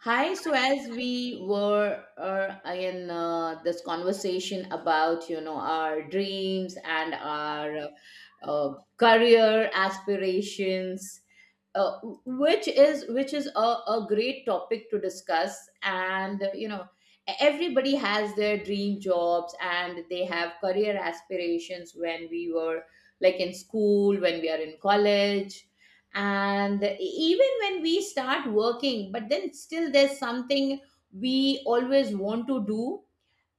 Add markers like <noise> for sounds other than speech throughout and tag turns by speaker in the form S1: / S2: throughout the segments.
S1: Hi, so as we were in this conversation about, our dreams and our career aspirations, uh, which is a great topic to discuss. And everybody has their dream jobs and they have career aspirations when we were like in school, when we are in college, and even when we start working, but then still there's something we always want to do,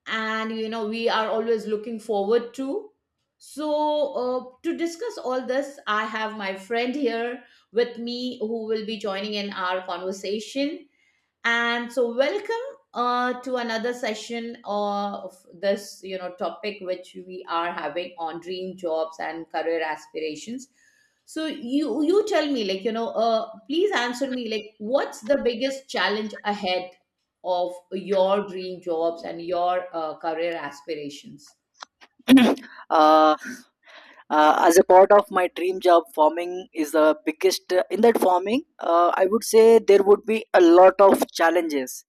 S1: and we are always looking forward to. So to discuss all this, I have my friend here with me who will be joining in our conversation. And so welcome to another session of this topic which we are having on dream jobs and career aspirations. So you tell me, like, please answer me, like, what's the biggest challenge ahead of your dream jobs and your career aspirations?
S2: <clears throat> uh, as a part of my dream job, farming is the biggest. In that farming, I would say there would be a lot of challenges,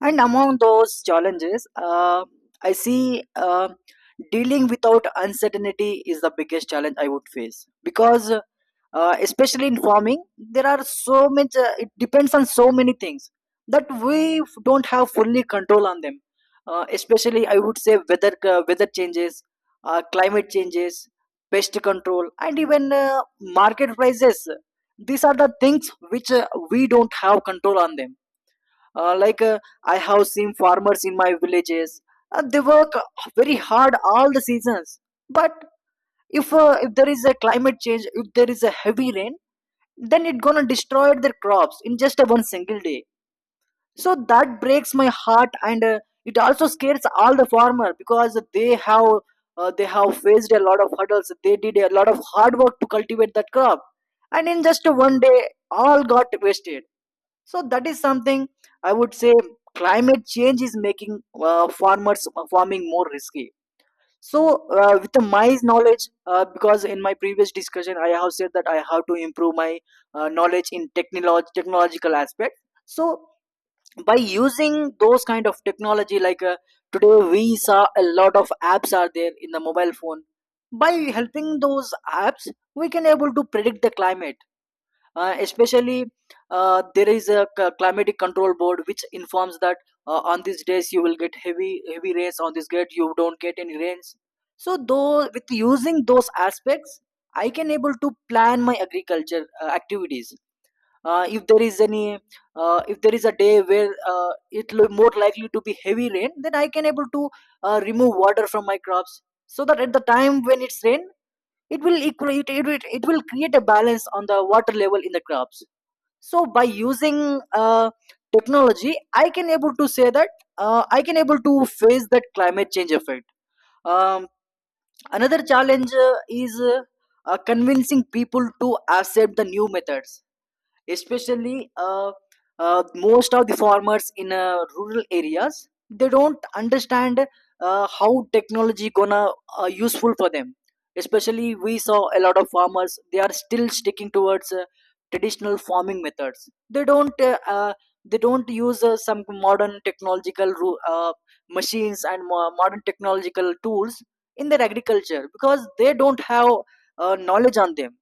S2: and among those challenges, I see dealing without uncertainty is the biggest challenge I would face. Because especially in farming, there are so much, it depends on so many things that don't have fully control on them. Especially I would say weather, weather changes, climate changes, pest control, and even market prices. These are the things which we don't have control on them. uh, like uh, I have seen farmers in my villages. They work very hard all the seasons, but if there is a climate change, if there is a heavy rain, then it gonna destroy their crops in just one single day. So that breaks my heart, and it also scares all the farmer because they have faced a lot of hurdles, they did a lot of hard work to cultivate that crop, and in just one day all got wasted. So that is something, I would say, climate change is making farmers farming more risky. So with the my knowledge, because in my previous discussion I have said that I have to improve my knowledge in technological aspect. So by using those kind of technology, like today we saw a lot of apps are there in the mobile phone. By helping those apps, we can able to predict the climate. Especially there is a climatic control board which informs that on these days you will get heavy rains, on this gate you don't get any rains. So though with using those aspects, I can able to plan my agriculture activities. If there is any, if there is a day where more likely to be heavy rain, then I can able to remove water from my crops. So that at the time when it's rain, it will equate it will create a balance on the water level in the crops. So by using technology, I can able to say that I can able to face that climate change effect. um, Another challenge is convincing people to accept the new methods. Especially most of the farmers in rural areas, they don't understand how technology gonna useful for them. Especially we saw a lot of farmers, they are still sticking towards traditional farming methods. They don't they don't use some modern technological machines and modern technological tools in their agriculture because they don't have knowledge on them.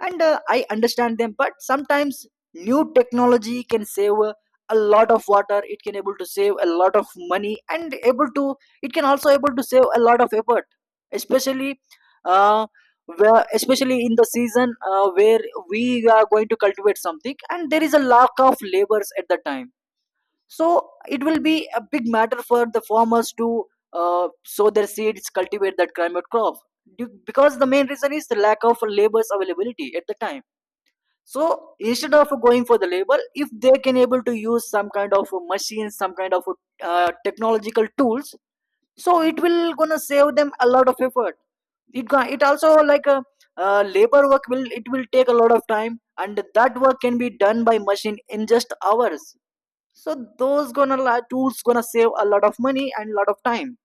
S2: And I understand them, but sometimes new technology can save a lot of water. It can able to save a lot of money, and able to, it can also able to save a lot of effort. Especially uh, where, especially in the season where we are going to cultivate something and there is a lack of labors at the time. So it will be a big matter for the farmers to sow their seeds, cultivate that climate crop. Because the main reason is the lack of labors availability at the time. So instead of going for the label, if they can able to use some kind of a machine, some kind of technological tools, so it will gonna save them a lot of effort. it it also like a, labor work will, it will take a lot of time, and that work can be done by machine in just hours. So those gonna tools gonna save a lot of money and lot of time.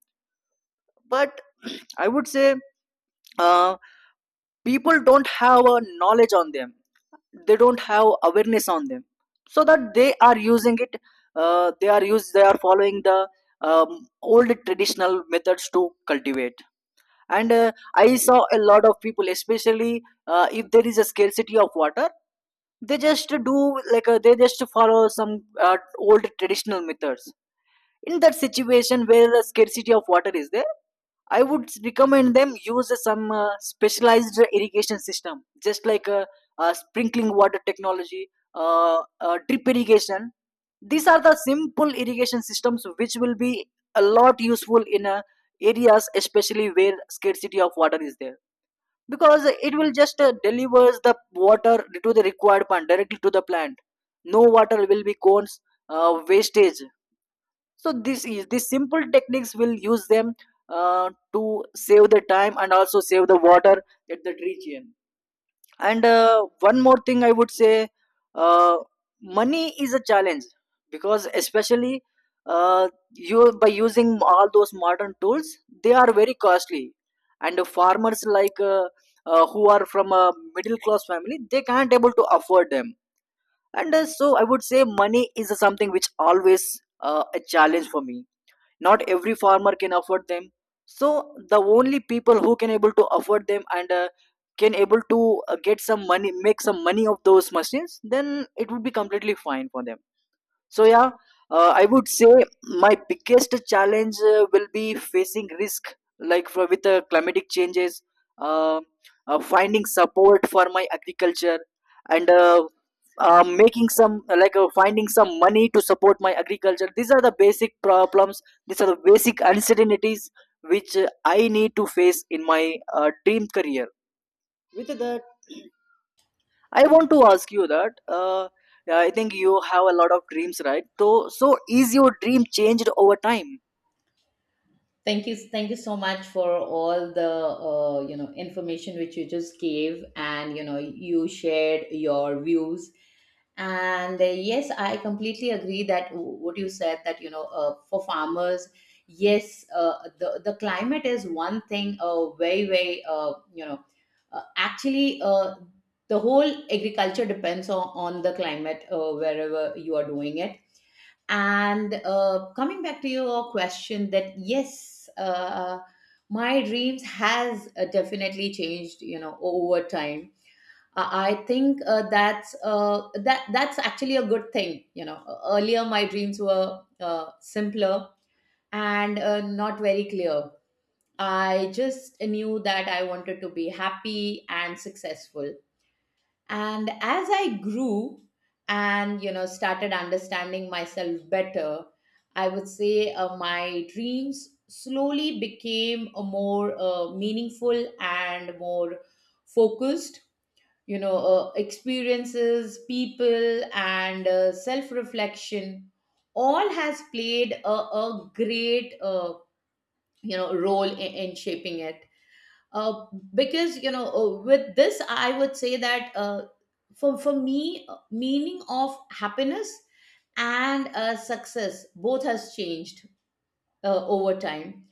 S2: But <clears throat> I would say uh, people don't have a knowledge on them, they don't have awareness on them. So that they are using it, they are used, they are following the old traditional methods to cultivate. And I saw a lot of people, especially if there is a scarcity of water, they just do, like they just follow some old traditional methods. In that situation where the scarcity of water is there, I would recommend them use some specialized irrigation system, just like a, sprinkling water technology, uh, drip irrigation. These are the simple irrigation systems which will be a lot useful in areas, especially where scarcity of water is there, because it will just delivers the water to the required plant, directly to the plant. No water will be cones, wastage. So this is, these simple techniques will use them to save the time and also save the water at that region. And one more thing I would say, uh, money is a challenge. Because especially uh, you by using all those modern tools, they are very costly. And the farmers, like who are from a middle class family, they can't able to afford them. And so I would say money is something which always a challenge for me. Not every farmer can afford them. So the only people who can able to afford them and can able to get some money, make some money of those machines, then it would be completely fine for them. So yeah, I would say my biggest challenge will be facing risk, like for, with the climatic changes, uh, finding support for my agriculture, and making some, like finding some money to support my agriculture. These are the basic problems. These are the basic uncertainties which I need to face in my dream career. With the, I want to ask you that. Yeah, I think you have a lot of dreams, right? So is your dream changed over time?
S1: Thank you so much for all the information which you just gave, and you shared your views. And yes, I completely agree that what you said, that for farmers, yes, the climate is one thing. Very very, you know, actually the whole agriculture depends on the climate, wherever you are doing it. And coming back to your question, that yes, my dreams has definitely changed, over time. I think that's actually a good thing. Earlier my dreams were simpler and not very clear. I just knew that I wanted to be happy and successful. And as I grew and started understanding myself better, I would say my dreams slowly became more meaningful and more focused. Experiences, people, and self reflection all has played a great role in shaping it. Uh, because, with this I would say that for me, meaning of happiness and success both has changed over time.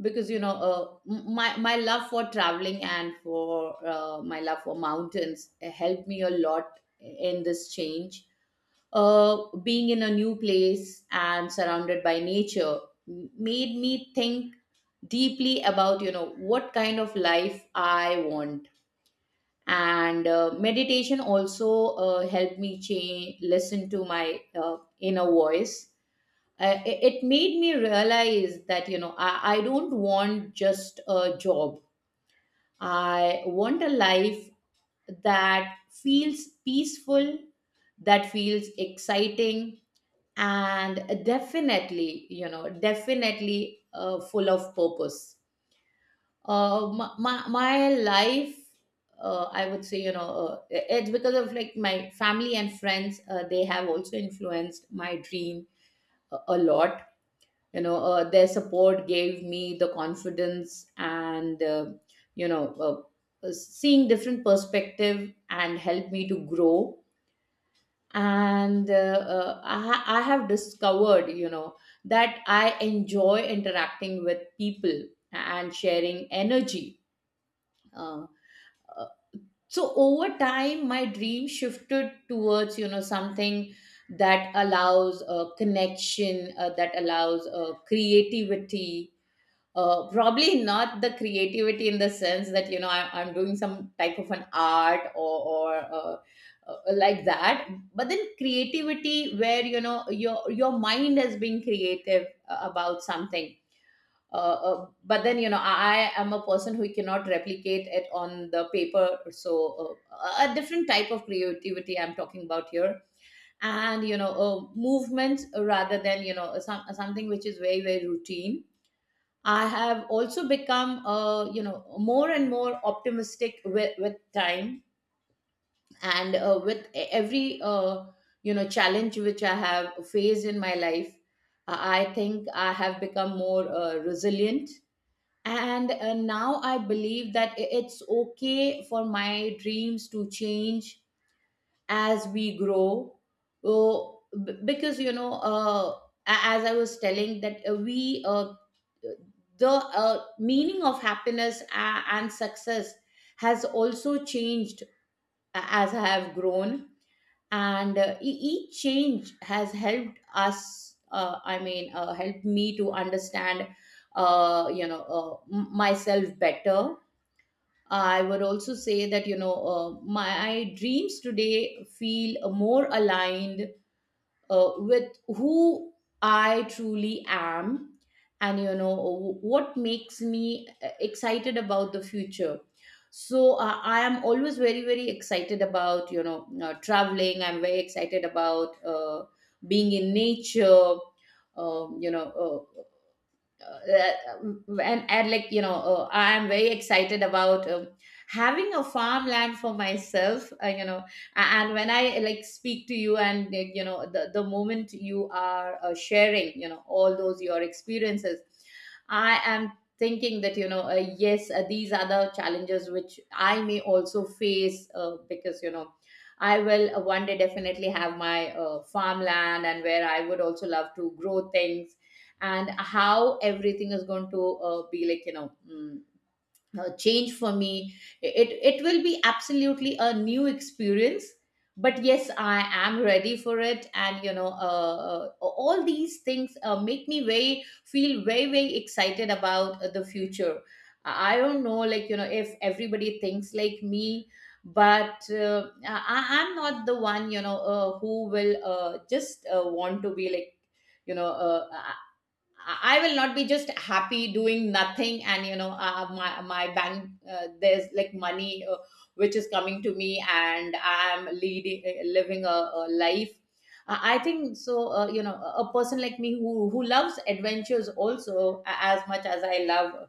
S1: Because my love for traveling and for my love for mountains helped me a lot in this change. Uh, being in a new place and surrounded by nature made me think deeply about what kind of life I want. And meditation also helped me change, listen to my inner voice. It made me realize that I don't want just a job. I want a life that feels peaceful, that feels exciting, and definitely, full of purpose. My life, I would say, it's because of, like, my family and friends. They have also influenced my dream a lot. Their support gave me the confidence, and seeing different perspective and helped me to grow. And I have discovered that I enjoy interacting with people and sharing energy. Uh, uh, so over time my dream shifted towards something that allows connection, that allows creativity. Probably not the creativity in the sense that I'm doing some type of an art, or like that, but then creativity where your mind has been creative about something. Uh, but then I am a person who cannot replicate it on the paper, so a different type of creativity I'm talking about here, and movement rather than, something which is very very routine. I have also become, more and more optimistic with time, and with every, challenge which I have faced in my life. I think I have become more resilient. And now I believe that it's okay for my dreams to change as we grow. Oh, because as I was telling, that we the meaning of happiness and success has also changed, as I have grown. And each change has helped us I mean helped me to understand, myself better. I would also say that, my dreams today feel more aligned with who I truly am, and you know what makes me excited about the future. So I am always very very excited about, traveling. I'm very excited about being in nature. Um, you know and like, I am very excited about having a farmland for myself. Uh, you know a- and when I, like, speak to you and, like, the moment you are sharing all those your experiences, I am thinking that, yes, these are the challenges which I may also face, because, I will one day definitely have my farmland, and where I would also love to grow things. And how everything is going to be, like, change for me. It will be absolutely a new experience. But yes, I am ready for it, and all these things make me very feel very very excited about the future. I don't know, like, if everybody thinks like me, but I am not the one, who will just want to be like, you know uh, I will not be just happy doing nothing and my bank, there's like money, which is coming to me, and I'm leading living a life. I think so. A person like me who loves adventures, also as much as I love,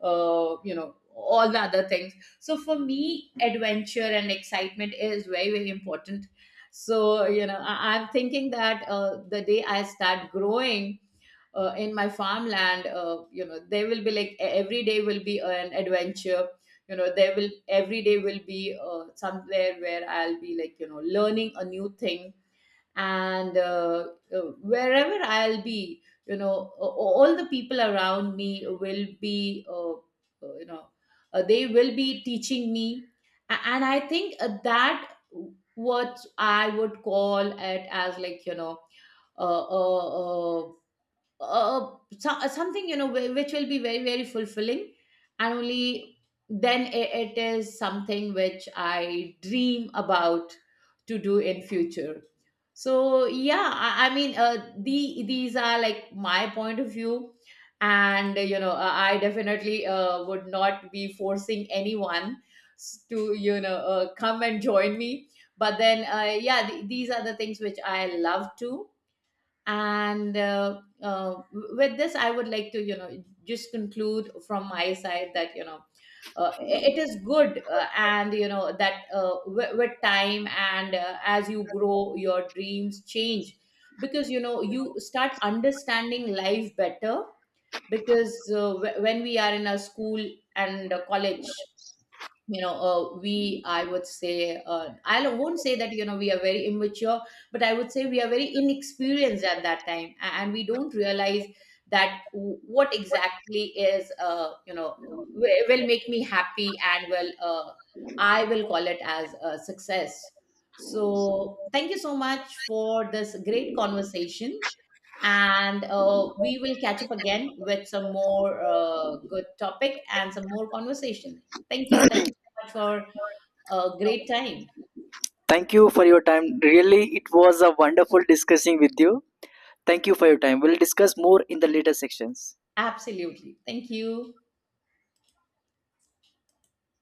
S1: all the other things. So for me, adventure and excitement is very very important. So, I'm thinking that the day I start growing in my farmland, there will be, like, every day will be an adventure. There will, every day will be, somewhere where I'll be, like, learning a new thing. And wherever I'll be, all the people around me will be, they will be teaching me. A- and I think that what I would call it as, like, a, a, uh, something, which will be very very fulfilling. And only then it is something which I dream about to do in future. So yeah, I mean, these are, like, my point of view. And I definitely would not be forcing anyone to, come and join me. But then yeah, these are the things which I love to. And with this, I would like to, just conclude from my side that, it is good, and that, with time, and as you grow, your dreams change, because you start understanding life better, because when we are in a school and a college, you know we I would say, I won't say that, we are very immature, but I would say we are very inexperienced at that time, and we don't realize that what exactly is, will make me happy, and will, I will call it as a success. So thank you so much for this great conversation, and we will catch up again with some more good topic and some more conversation. Thank you. Thank you so much for a great time.
S2: Thank you for your time. Really, it was a wonderful discussing with you. Thank you for your time. We'll discuss more in the later sections.
S1: Absolutely. Thank you.